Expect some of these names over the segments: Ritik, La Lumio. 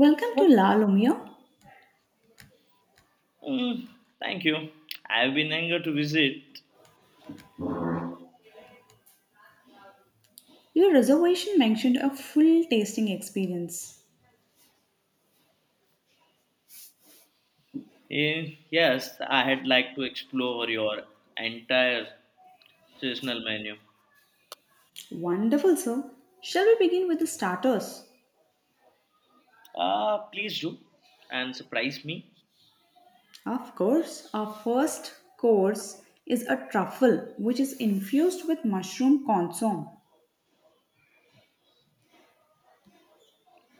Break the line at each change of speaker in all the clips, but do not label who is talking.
Welcome to La Lumio.
Mm, thank you. I've been eager to visit.
Your reservation mentioned a full tasting experience.
Yes, I had like to explore your entire seasonal menu.
Wonderful, sir. Shall we begin with the starters?
Please do and surprise me.
Of course, our first course is a truffle which is infused with mushroom consomme.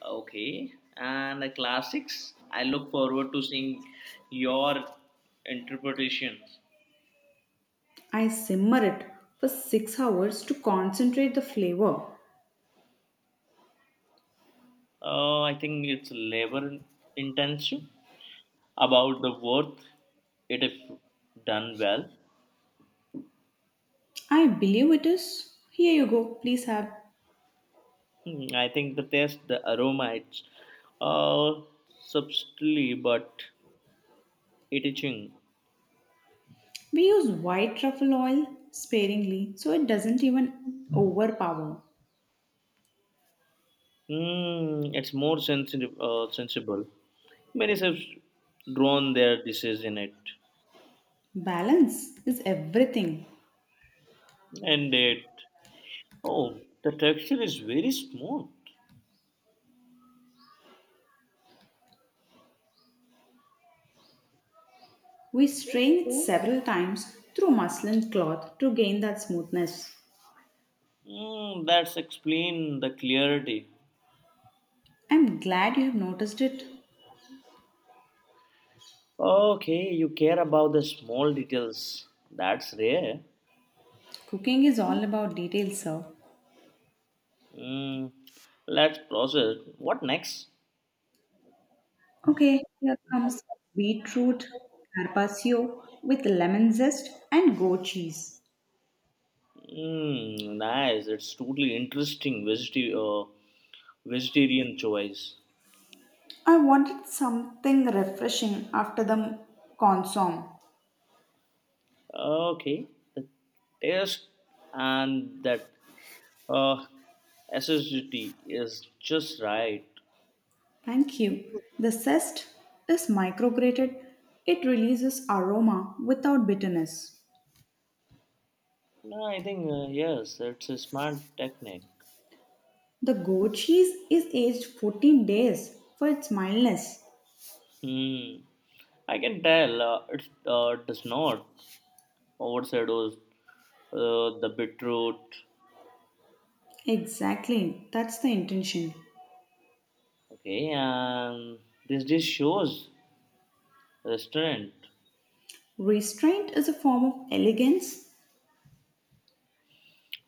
Okay. And the classics, I look forward to seeing your interpretations.
I simmer it for 6 hours to concentrate the flavor.
I think it's labor intensive about the worth it if done well.
I believe it is. Here you go, please have.
I think the taste, the aroma, it's uh, subtly but it itching.
We use white truffle oil sparingly so it doesn't even overpower.
It's more sensitive, sensible. Many have drawn their dishes in it,
Balance is everything.
and it. Oh, the texture is very smooth.
We strain it several times through muslin cloth to gain that smoothness.
That's explain the clarity.
I'm glad you have noticed it.
Okay, you care about the small details. That's rare.
Cooking is all about details, sir.
Mm, let's process. What next?
Okay, here comes beetroot carpaccio with lemon zest and goat cheese.
Nice. It's totally interesting. Vegetarian choice.
I wanted something refreshing after the consomme.
Okay. The taste and that uh, acidity is just right.
Thank you. The zest is micrograted. It releases aroma without bitterness.
No, I think, yes, it's a smart technique.
The goat cheese is aged 14 days for its mildness.
Hmm. I can tell it does not overshadows the beetroot.
Exactly, that's the intention.
Okay, and this dish shows restaurant.
Restraint is a form of elegance.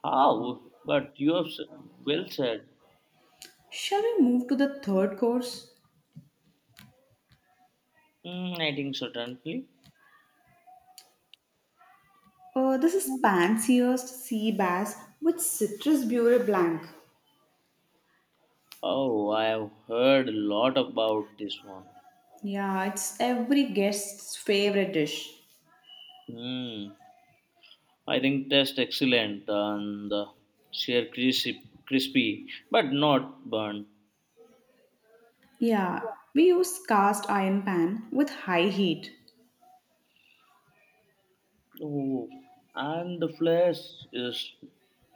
How? But well said.
Shall we move to the third course?
I think certainly.
This is pan-seared sea bass with citrus beurre blanc.
Oh, I have heard a lot about this one.
Yeah, it's every guest's favorite dish.
Hmm. I think that's excellent and sheer crispy, but not burnt.
Yeah, we use cast iron pan with high heat.
Oh, and the flesh is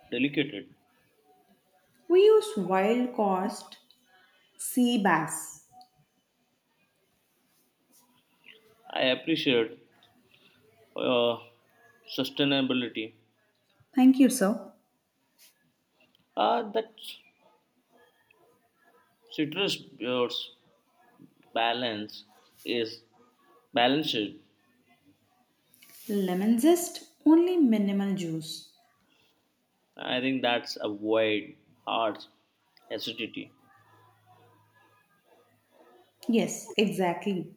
delicate.
We use wild caught sea bass.
I appreciate uh, sustainability.
Thank you, sir.
That citrus bear's balance is balanced.
Lemon zest, only minimal juice.
I think that's avoid heart acidity.
Yes, exactly.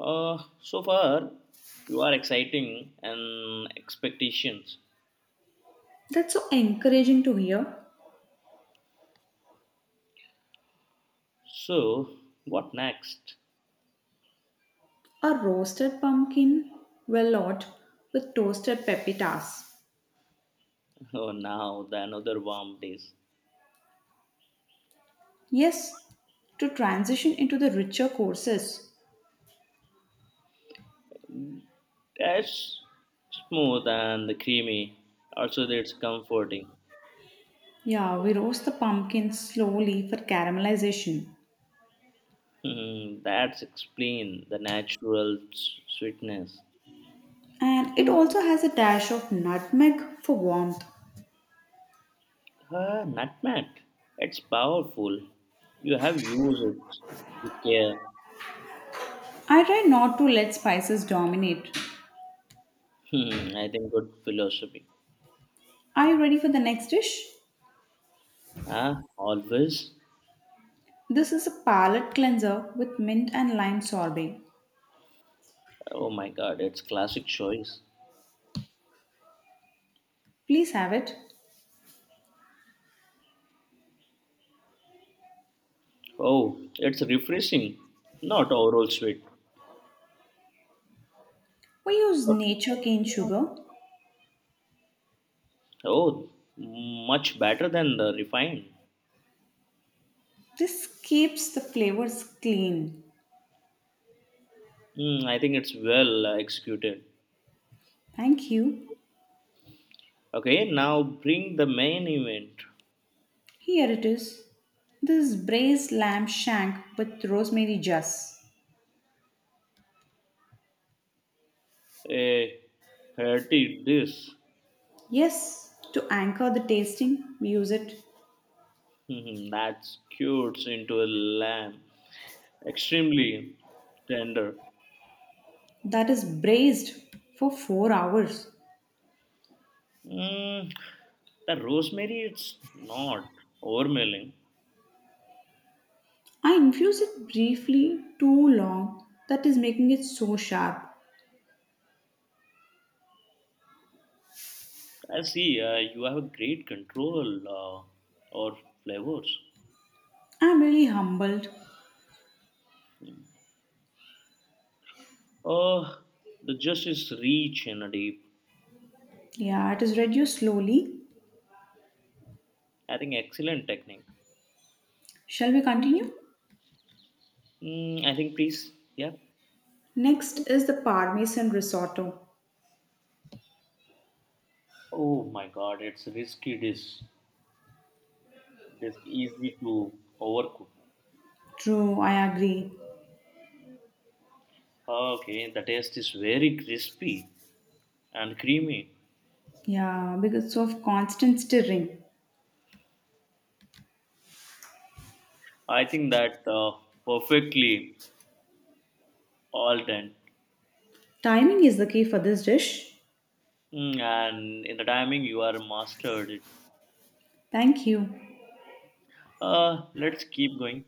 So far, you are exciting and expectations.
That's so encouraging to hear.
So, what next?
A roasted pumpkin velout with toasted pepitas.
Oh, now the another warm days.
Yes, to transition into the richer courses.
That's smooth and the creamy. Also, that's comforting.
Yeah, we roast the pumpkin slowly for caramelization.
That's explain the natural sweetness.
And it also has a dash of nutmeg for warmth.
Ah, nutmeg. It's powerful. You have used it with care.
I try not to let spices dominate.
I think good philosophy.
Are you ready for the next dish?
Ah, always.
This is a palate cleanser with mint and lime sorbet.
Oh my God, it's classic choice.
Please have it.
Oh, it's refreshing, not overall sweet.
We use nature cane sugar.
Oh, much better than the refined.
This keeps the flavors clean.
I think it's well executed.
Thank you.
Okay, now bring the main event.
Here it is. This is braised lamb shank with rosemary juice.
A hearty dish.
Yes, to anchor the tasting, we use it.
That cures into a lamb, extremely tender.
That is braised for 4 hours.
Mm, the rosemary, it's not overwhelming.
I infuse it briefly too long. That is making it so sharp.
I see, you have a great control or flavors.
I'm really humbled.
Oh, the just is rich and deep.
Yeah, it is reduced slowly.
I think excellent technique.
Shall we continue?
I think please, yeah.
Next is the Parmesan risotto.
Oh my God, it's risky dish. This easy to overcook.
True, I agree.
Okay, the taste is very crispy and creamy.
Yeah, because of constant stirring.
I think that perfectly all done.
Timing is the key for this dish.
And in the timing, you are mastered it.
Thank you.
Let's keep going.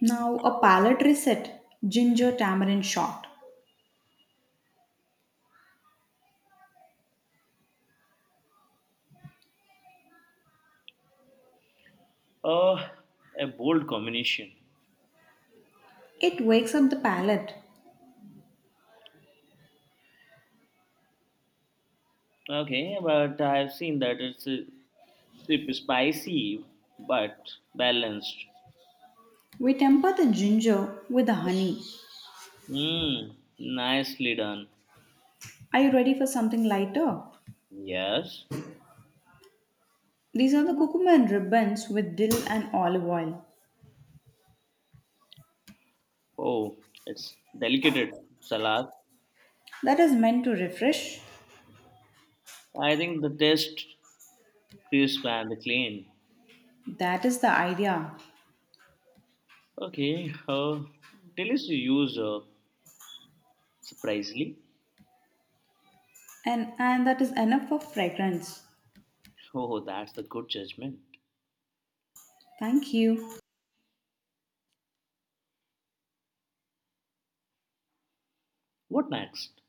Now, a palate reset ginger tamarind shot.
Uh, a bold combination.
It wakes up the palate.
Okay, but I've seen that it's spicy but balanced.
We temper the ginger with the honey.
Nicely done.
Are you ready for something lighter?
Yes.
These are the cucumber and ribbons with dill and olive oil.
Oh, it's delicate salad.
That is meant to refresh.
I think the taste crisp and the clean.
That is the idea.
Okay. Delicious user surprisingly.
And that is enough for fragrance.
Oh, that's the good judgment.
Thank you.
What next?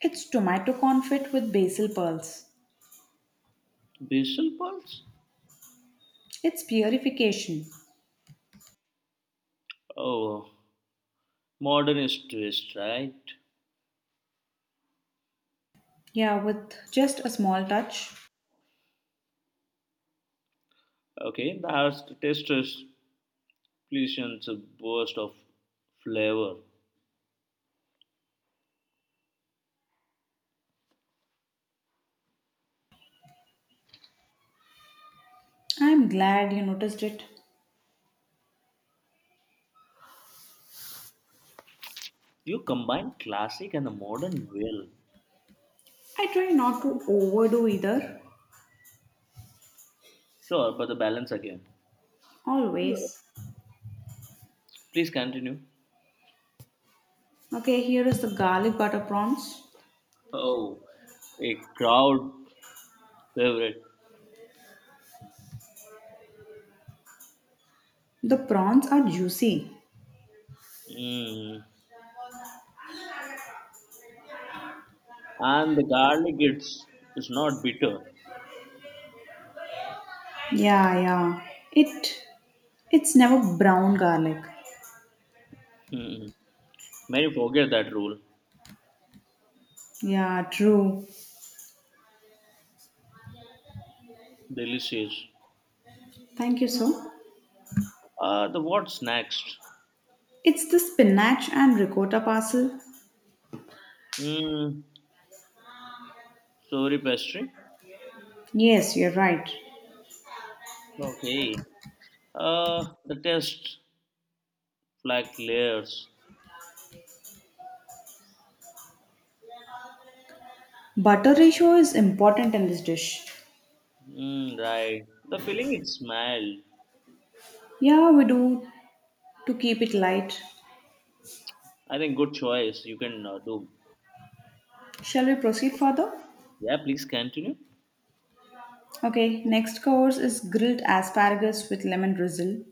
It's tomato confit with basil pearls.
Basil Pulse?
It's purification.
Oh, modernist twist, right?
Yeah, with just a small touch.
Okay, that's the taster's pleasant burst of flavor.
I'm glad you noticed it.
You combine classic and the modern well.
I try not to overdo either.
Sure, but the balance again.
Always.
Please continue.
Okay, here is the garlic butter prawns.
Oh, a crowd favorite.
The prawns are juicy.
Mm. And the garlic, it's not bitter.
Yeah, yeah. It it's never brown garlic.
Hmm. Many forget that rule.
Yeah, true.
Delicious.
Thank you, sir.
The what's next?
It's the spinach and ricotta parcel.
Mm, sorry, pastry.
Yes, you're right.
Okay. The test flag layers.
Butter ratio is important in this dish.
Right. The filling it smelled.
Yeah, we do to keep it light.
I think good choice. You can do.
Shall we proceed further?
Yeah, please continue.
Okay, next course is grilled asparagus with lemon drizzle.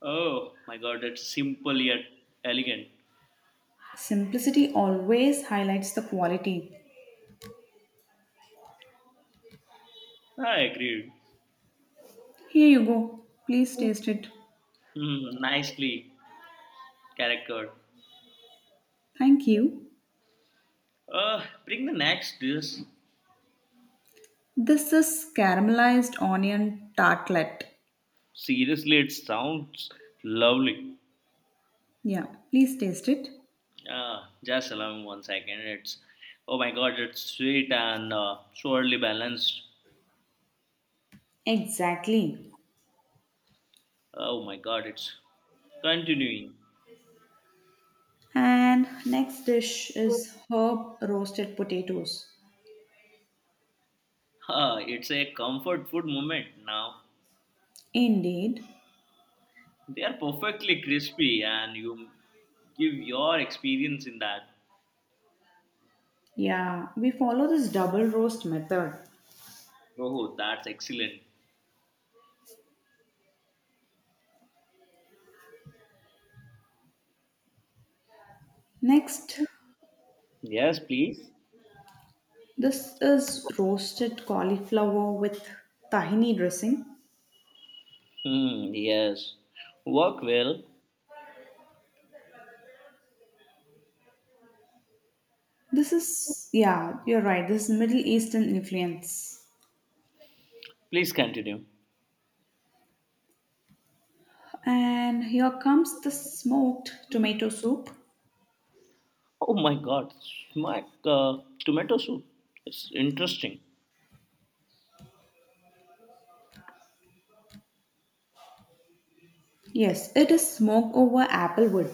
Oh my god, that's simple yet elegant.
Simplicity always highlights the quality.
I agreed.
Here you go. Please taste it.
Nicely charactered.
Thank you.
Bring the next dish.
This is caramelized onion tartlet.
Seriously, it sounds lovely.
Yeah, please taste it.
Ah, just allow me one second. It's oh my god, it's sweet and surely balanced.
Exactly.
Oh my god, it's continuing.
And next dish is herb roasted potatoes.
Ah, it's a comfort food moment now.
Indeed,
They are perfectly crispy and you give your experience in that.
yeah, we follow this double roast method.
Oh, that's excellent.
Next,
Yes, please.
this is roasted cauliflower with tahini dressing.
Yes. Work well.
This is, yeah, you're right, this is Middle Eastern influence.
Please continue.
And here comes the smoked tomato soup.
Oh my god, smack tomato soup. It's interesting.
Yes, it is smoked over applewood.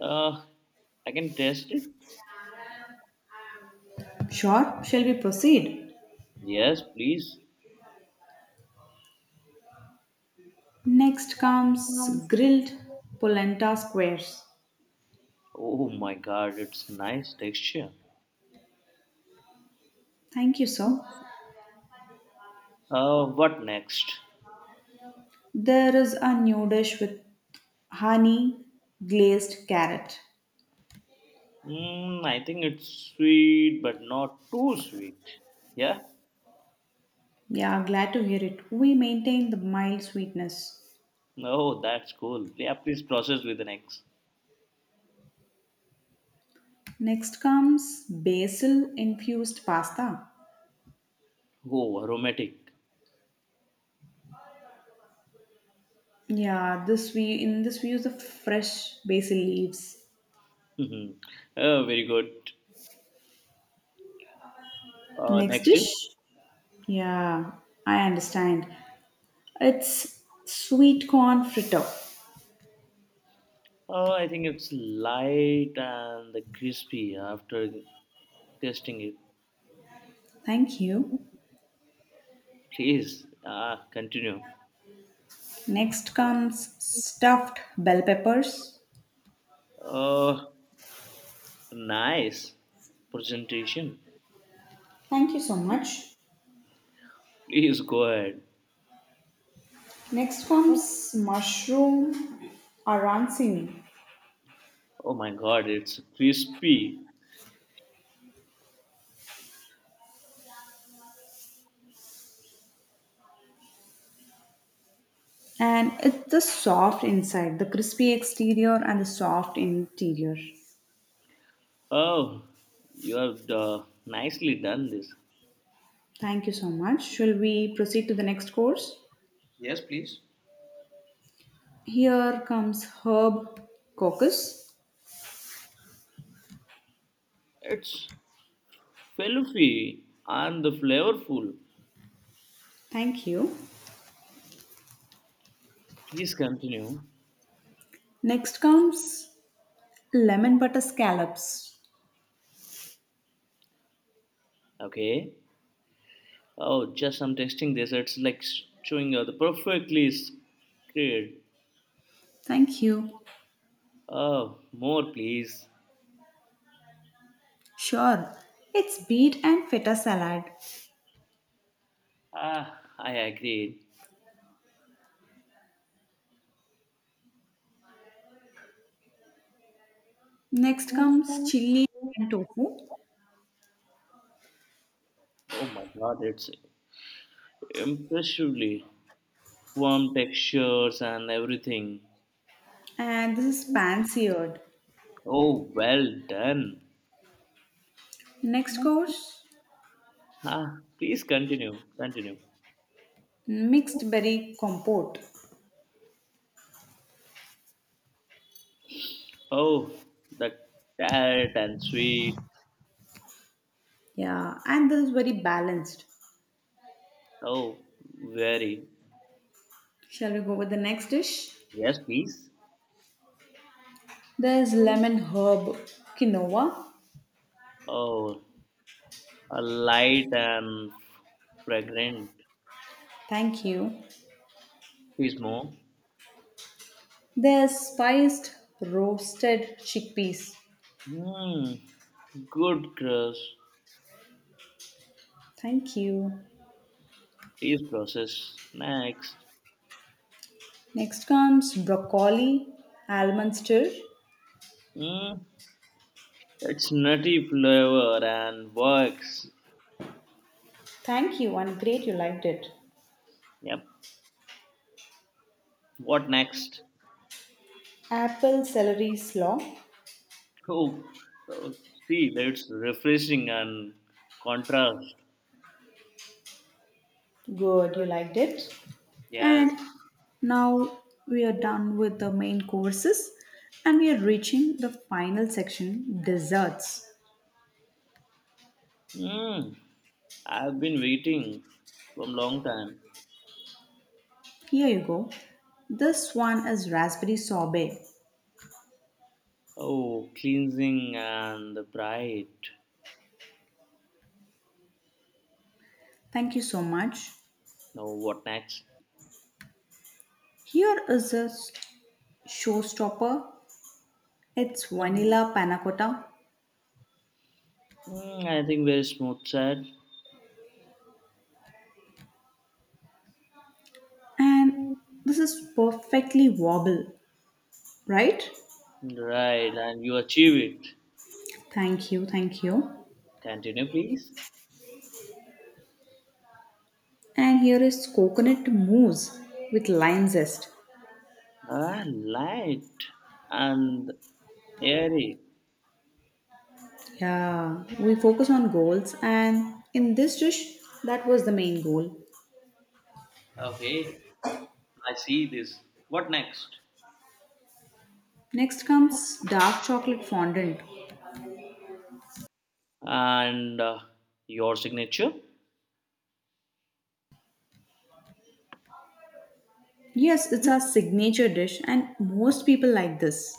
Uh, I can taste it.
Sure, shall we proceed?
Yes, please.
Next comes grilled polenta squares.
Oh my god, it's nice texture.
Thank you, sir.
What next?
There is a new dish with honey glazed carrot.
I think it's sweet, but not too sweet. Yeah?
Yeah, glad to hear it. We maintain the mild sweetness.
Oh, that's cool. Yeah, please process with the next.
Next comes basil infused pasta.
Oh, aromatic.
Yeah, this we in this we use the fresh basil leaves.
Mhm. Oh, very good.
Next
Next is?
dish. Yeah, I understand. It's sweet corn fritter.
I think it's light and the crispy after tasting it.
Thank you.
Please continue.
Next comes stuffed bell peppers.
Uh, nice presentation.
Thank you so much.
Please go ahead.
Next comes mushroom arancini,
Oh my god, it's crispy.
and it's the soft inside, the crispy exterior, and the soft interior.
Oh, you have nicely done this.
Thank you so much. Shall we proceed to the next course?
Yes, please.
Here comes herb caucus.
It's fluffy and the flavorful.
Thank you.
Please continue.
Next comes lemon butter scallops.
Okay. Oh, just I'm testing this. It's like chewing the perfectly scared.
Thank you.
Oh, more please.
Sure. It's beet and feta salad.
Ah, I agree.
Next comes chili and tofu.
Oh my God, it's impressively warm textures and everything.
And this is pan seared.
Oh, well done.
Next course,
Ah, please continue.
mixed berry compote.
Oh, the tart and sweet.
Yeah, and this is very balanced.
Oh, very.
Shall we go with the next dish?
Yes, please.
There's lemon herb quinoa.
Oh, a light and fragrant.
Thank you.
Please more.
There's spiced roasted chickpeas.
Hmm. Good crush.
Thank you.
Please process next.
Next comes broccoli, almond stir.
Hmm. It's nutty flavor and works.
Thank you. And great. You liked it.
Yep. What next?
Apple celery slaw.
Oh, oh, see, that's refreshing and contrast.
Good. You liked it.
Yes.
And now we are done with the main courses and we are reaching the final section desserts.
Hmm. I've been waiting for a long time.
Here you go. This one is raspberry sorbet.
Oh, cleansing and the bright.
Thank you so much.
Now what next?
Here is a showstopper. It's vanilla panna cotta
I think very smooth said.
and this is perfectly wobble, right?
Right, and you achieve it.
Thank you, thank you.
Continue, please.
And here is coconut mousse with lime zest.
Ah, light and airy.
Yeah, we focus on goals, and in this dish, that was the main goal.
Okay, I see this. What next?
Next comes dark chocolate fondant.
And your signature?
Yes, it's our signature dish, and most people like this.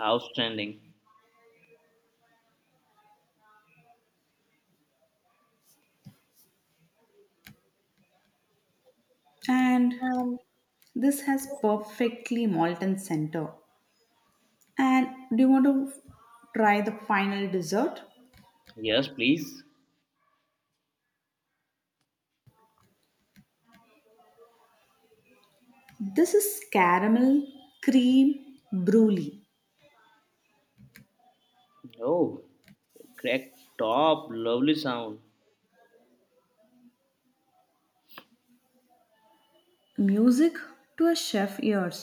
Outstanding.
And this has perfectly molten center. And do you want to try the final dessert?
Yes, please.
This is caramel cream brulee.
Oh, crack top, lovely sound.
Music to a chef ears,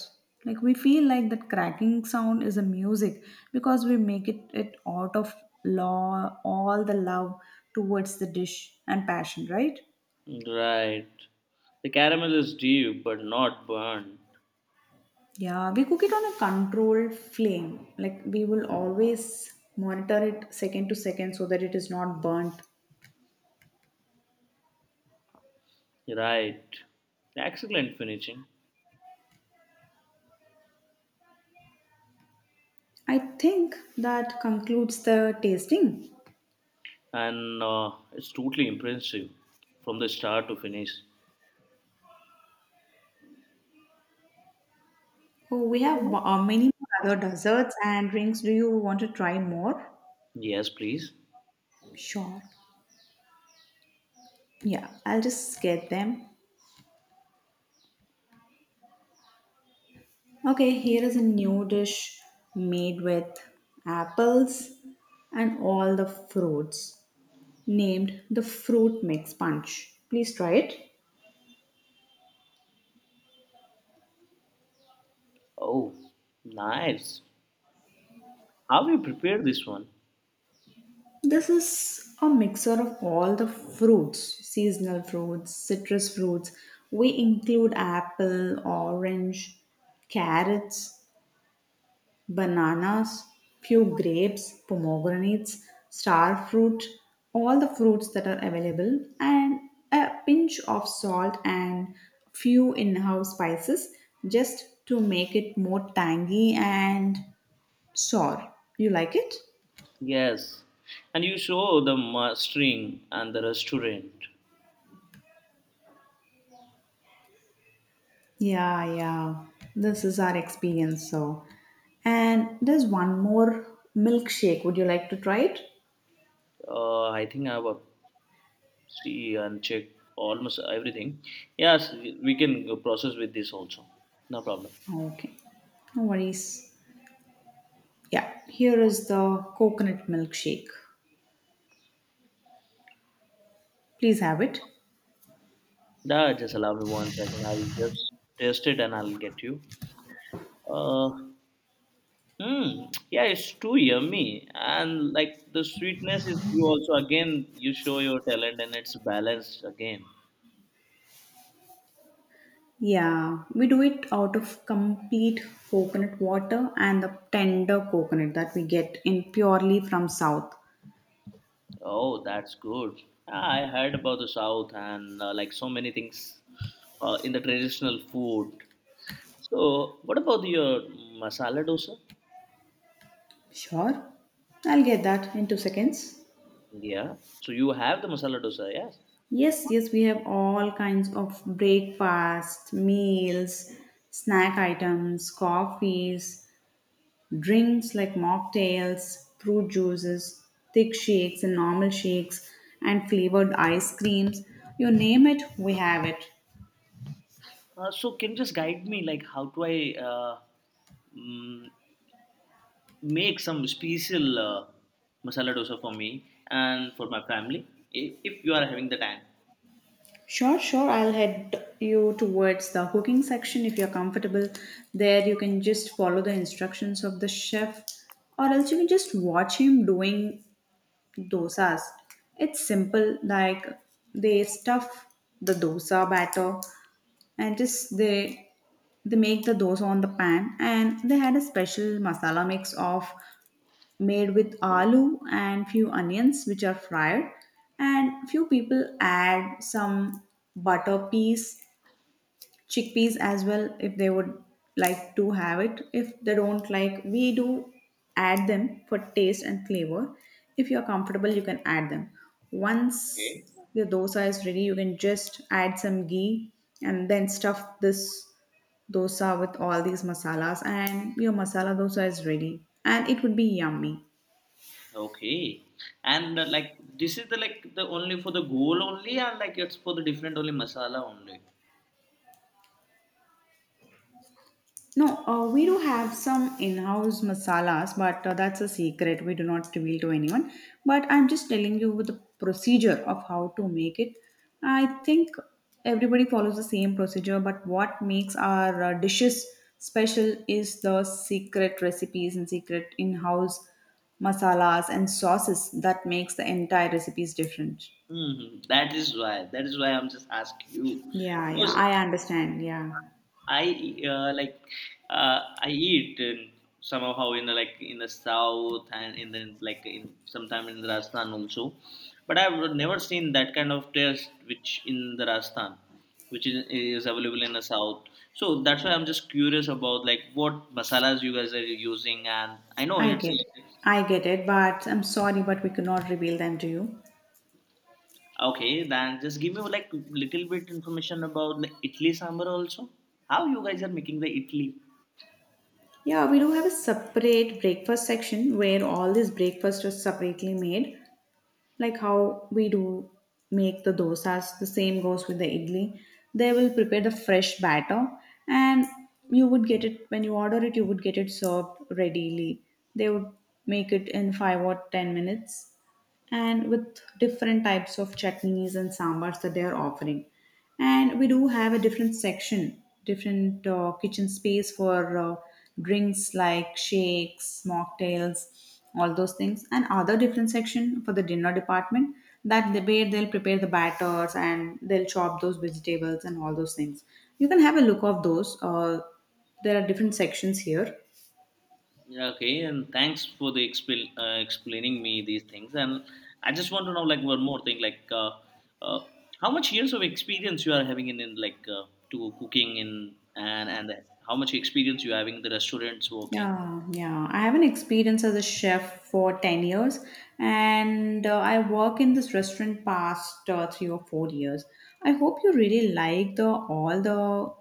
like we feel like that cracking sound is a music because we make it out of law all the love towards the dish and passion, right?
Right. The caramel is deep but not burnt.
Yeah, we cook it on a controlled flame, like we will always monitor it second to second so that it is not burnt.
Right. Excellent finishing.
I think that concludes the tasting.
And it's totally impressive from the start to finish.
Oh, we have many more other desserts and drinks. Do you want to try more?
Yes, please.
Sure. Yeah, I'll just get them. Okay, here is a new dish made with apples and all the fruits named the fruit mix punch. Please try it.
Oh, nice. How you prepare this one?
This is a mixer of all the fruits, seasonal fruits, citrus fruits. We include apple, orange, carrots, bananas, few grapes, pomegranates, star fruit, all the fruits that are available, and a pinch of salt and few in-house spices just to make it more tangy and sour. You like it?
Yes. And you show the mastering and the restaurant.
Yeah, yeah. This is our experience. So, and there's one more milkshake. Would you like to try it?
I think I will see and check almost everything. Yes, we can process with this also. No problem.
Okay. No worries. Yeah, here is the coconut milkshake. Please have it.
No, just allow me one second. I'll just taste it and I'll get you. Uh, hmm. Yeah, it's too yummy. And like the sweetness is you also again you show your talent and it's balanced again.
Yeah, we do it out of complete coconut water and the tender coconut that we get in purely from south.
Oh, that's good. Ah, I heard about the South and like so many things in the traditional food. So, what about your masala dosa?
Sure. I'll get that in 2 seconds.
Yeah. So you have the masala dosa, yes.
Yes, yes, we have all kinds of breakfast, meals, snack items, coffees, drinks like mocktails, fruit juices, thick shakes and normal shakes, and flavored ice creams. You name it, we have it.
So can you just guide me like how do I mm, make some special masala dosa for me and for my family if you are having the time.
Sure, sure. I'll head you towards the cooking section if you're comfortable. There, you can just follow the instructions of the chef, or else you can just watch him doing dosas. It's simple, like they stuff the dosa batter and just they make the dosa on the pan and they had a special masala mix of made with aloo and few onions which are fried, and few people add some butter peas chickpeas as well if they would like to have it. If they don't like, we do add them for taste and flavor. If you are comfortable, you can add them. Once
Okay.
the dosa is ready, you can just add some ghee and then stuff this dosa with all these masalas, and your masala dosa is ready and it would be yummy.
Okay, and like this is the like the only for the goal only, and like it's for the different only masala only.
No, we do have some in-house masalas, but that's a secret. We do not reveal to anyone. But I'm just telling you with the procedure of how to make it. I think everybody follows the same procedure, but what makes our dishes special is the secret recipes and secret in-house masalas and sauces that makes the entire recipes different.
Mhm. That is why. That is why I'm just asking you
Yeah, yeah,
because
I understand. Yeah,
I like I eat in somehow like in the south and in the like in sometime in the Rajasthan also, but I've never seen that kind of taste which in the Rajasthan, is available in the south. So that's why I'm just curious about like what masalas you guys are using, and I know
I
it's
get it.
like
I get it, but I'm sorry, but we cannot reveal them to you.
okay. Then just give me like little bit information about the Italy sambar also. How you guys are making the Italy?
Yeah, we do have a separate breakfast section where all this breakfast are separately made, like how we do make the dosas. The same goes with the idli. They will prepare the fresh batter, and you would get it when you order it. You would get it served readily. They would make it in 5 or 10 minutes and with different types of chutneys and sambars that they are offering. And we do have a different section, different kitchen space for drinks like shakes, mocktails, all those things, and other different section for the dinner department that they, where they'll prepare the batters and they'll chop those vegetables and all those things. You can have a look of those. There are different sections here.
Yeah, okay, and thanks for the explaining me these things. And I just want to know like one more thing, like uh, how much years of experience you are having in like to cooking in and how much experience you having in the restaurants working.
Yeah, yeah. I have an experience as a chef for 10 years and I work in this restaurant past 3 or 4 years. I hope you really like the all the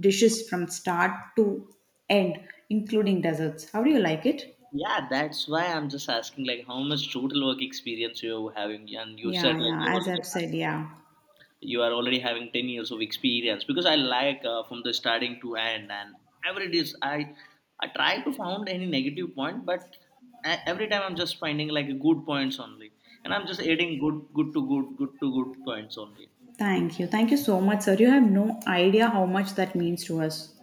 dishes from start to end including desserts. How do you like it?
Yeah, that's why I'm just asking like how much total work experience you're having, and you said
Yeah,
like
yeah, as I've said, yeah.
you are already having 10 years of experience because I like from the starting to end and ever it is i try to found any negative point but every time I'm just finding like good points only and I'm just adding good points only.
Thank you. Thank you so much, sir. You have no idea how much that means to us.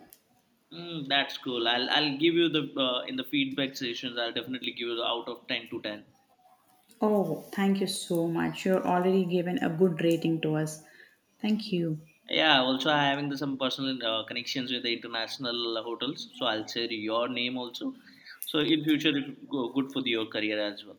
That's cool. I'll give you the in the feedback sessions I'll definitely give you the out of 10 to 10.
Oh, thank you so much. You're already given a good rating to us. Thank you.
Yeah also I'm having the, some personal connections with the international hotels so I'll share your name also, so in future it go good for the, your career as well.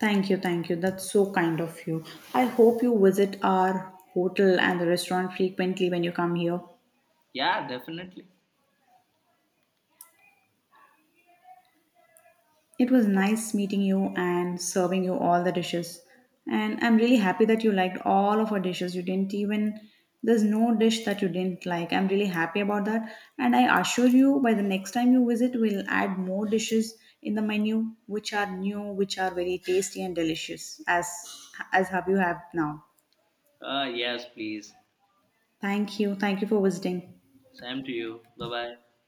Thank you, thank you. That's so kind of you. I hope you visit our hotel and the restaurant frequently when you come here.
Yeah, definitely.
It was nice meeting you and serving you all the dishes. And I'm really happy that you liked all of our dishes. You didn't even, there's no dish that you didn't like. I'm really happy about that. And I assure you, by the next time you visit, we'll add more dishes in the menu, which are new, which are very tasty and delicious, as have you have now.
Yes, please.
Thank you. Thank you for visiting.
Same to you. Bye bye.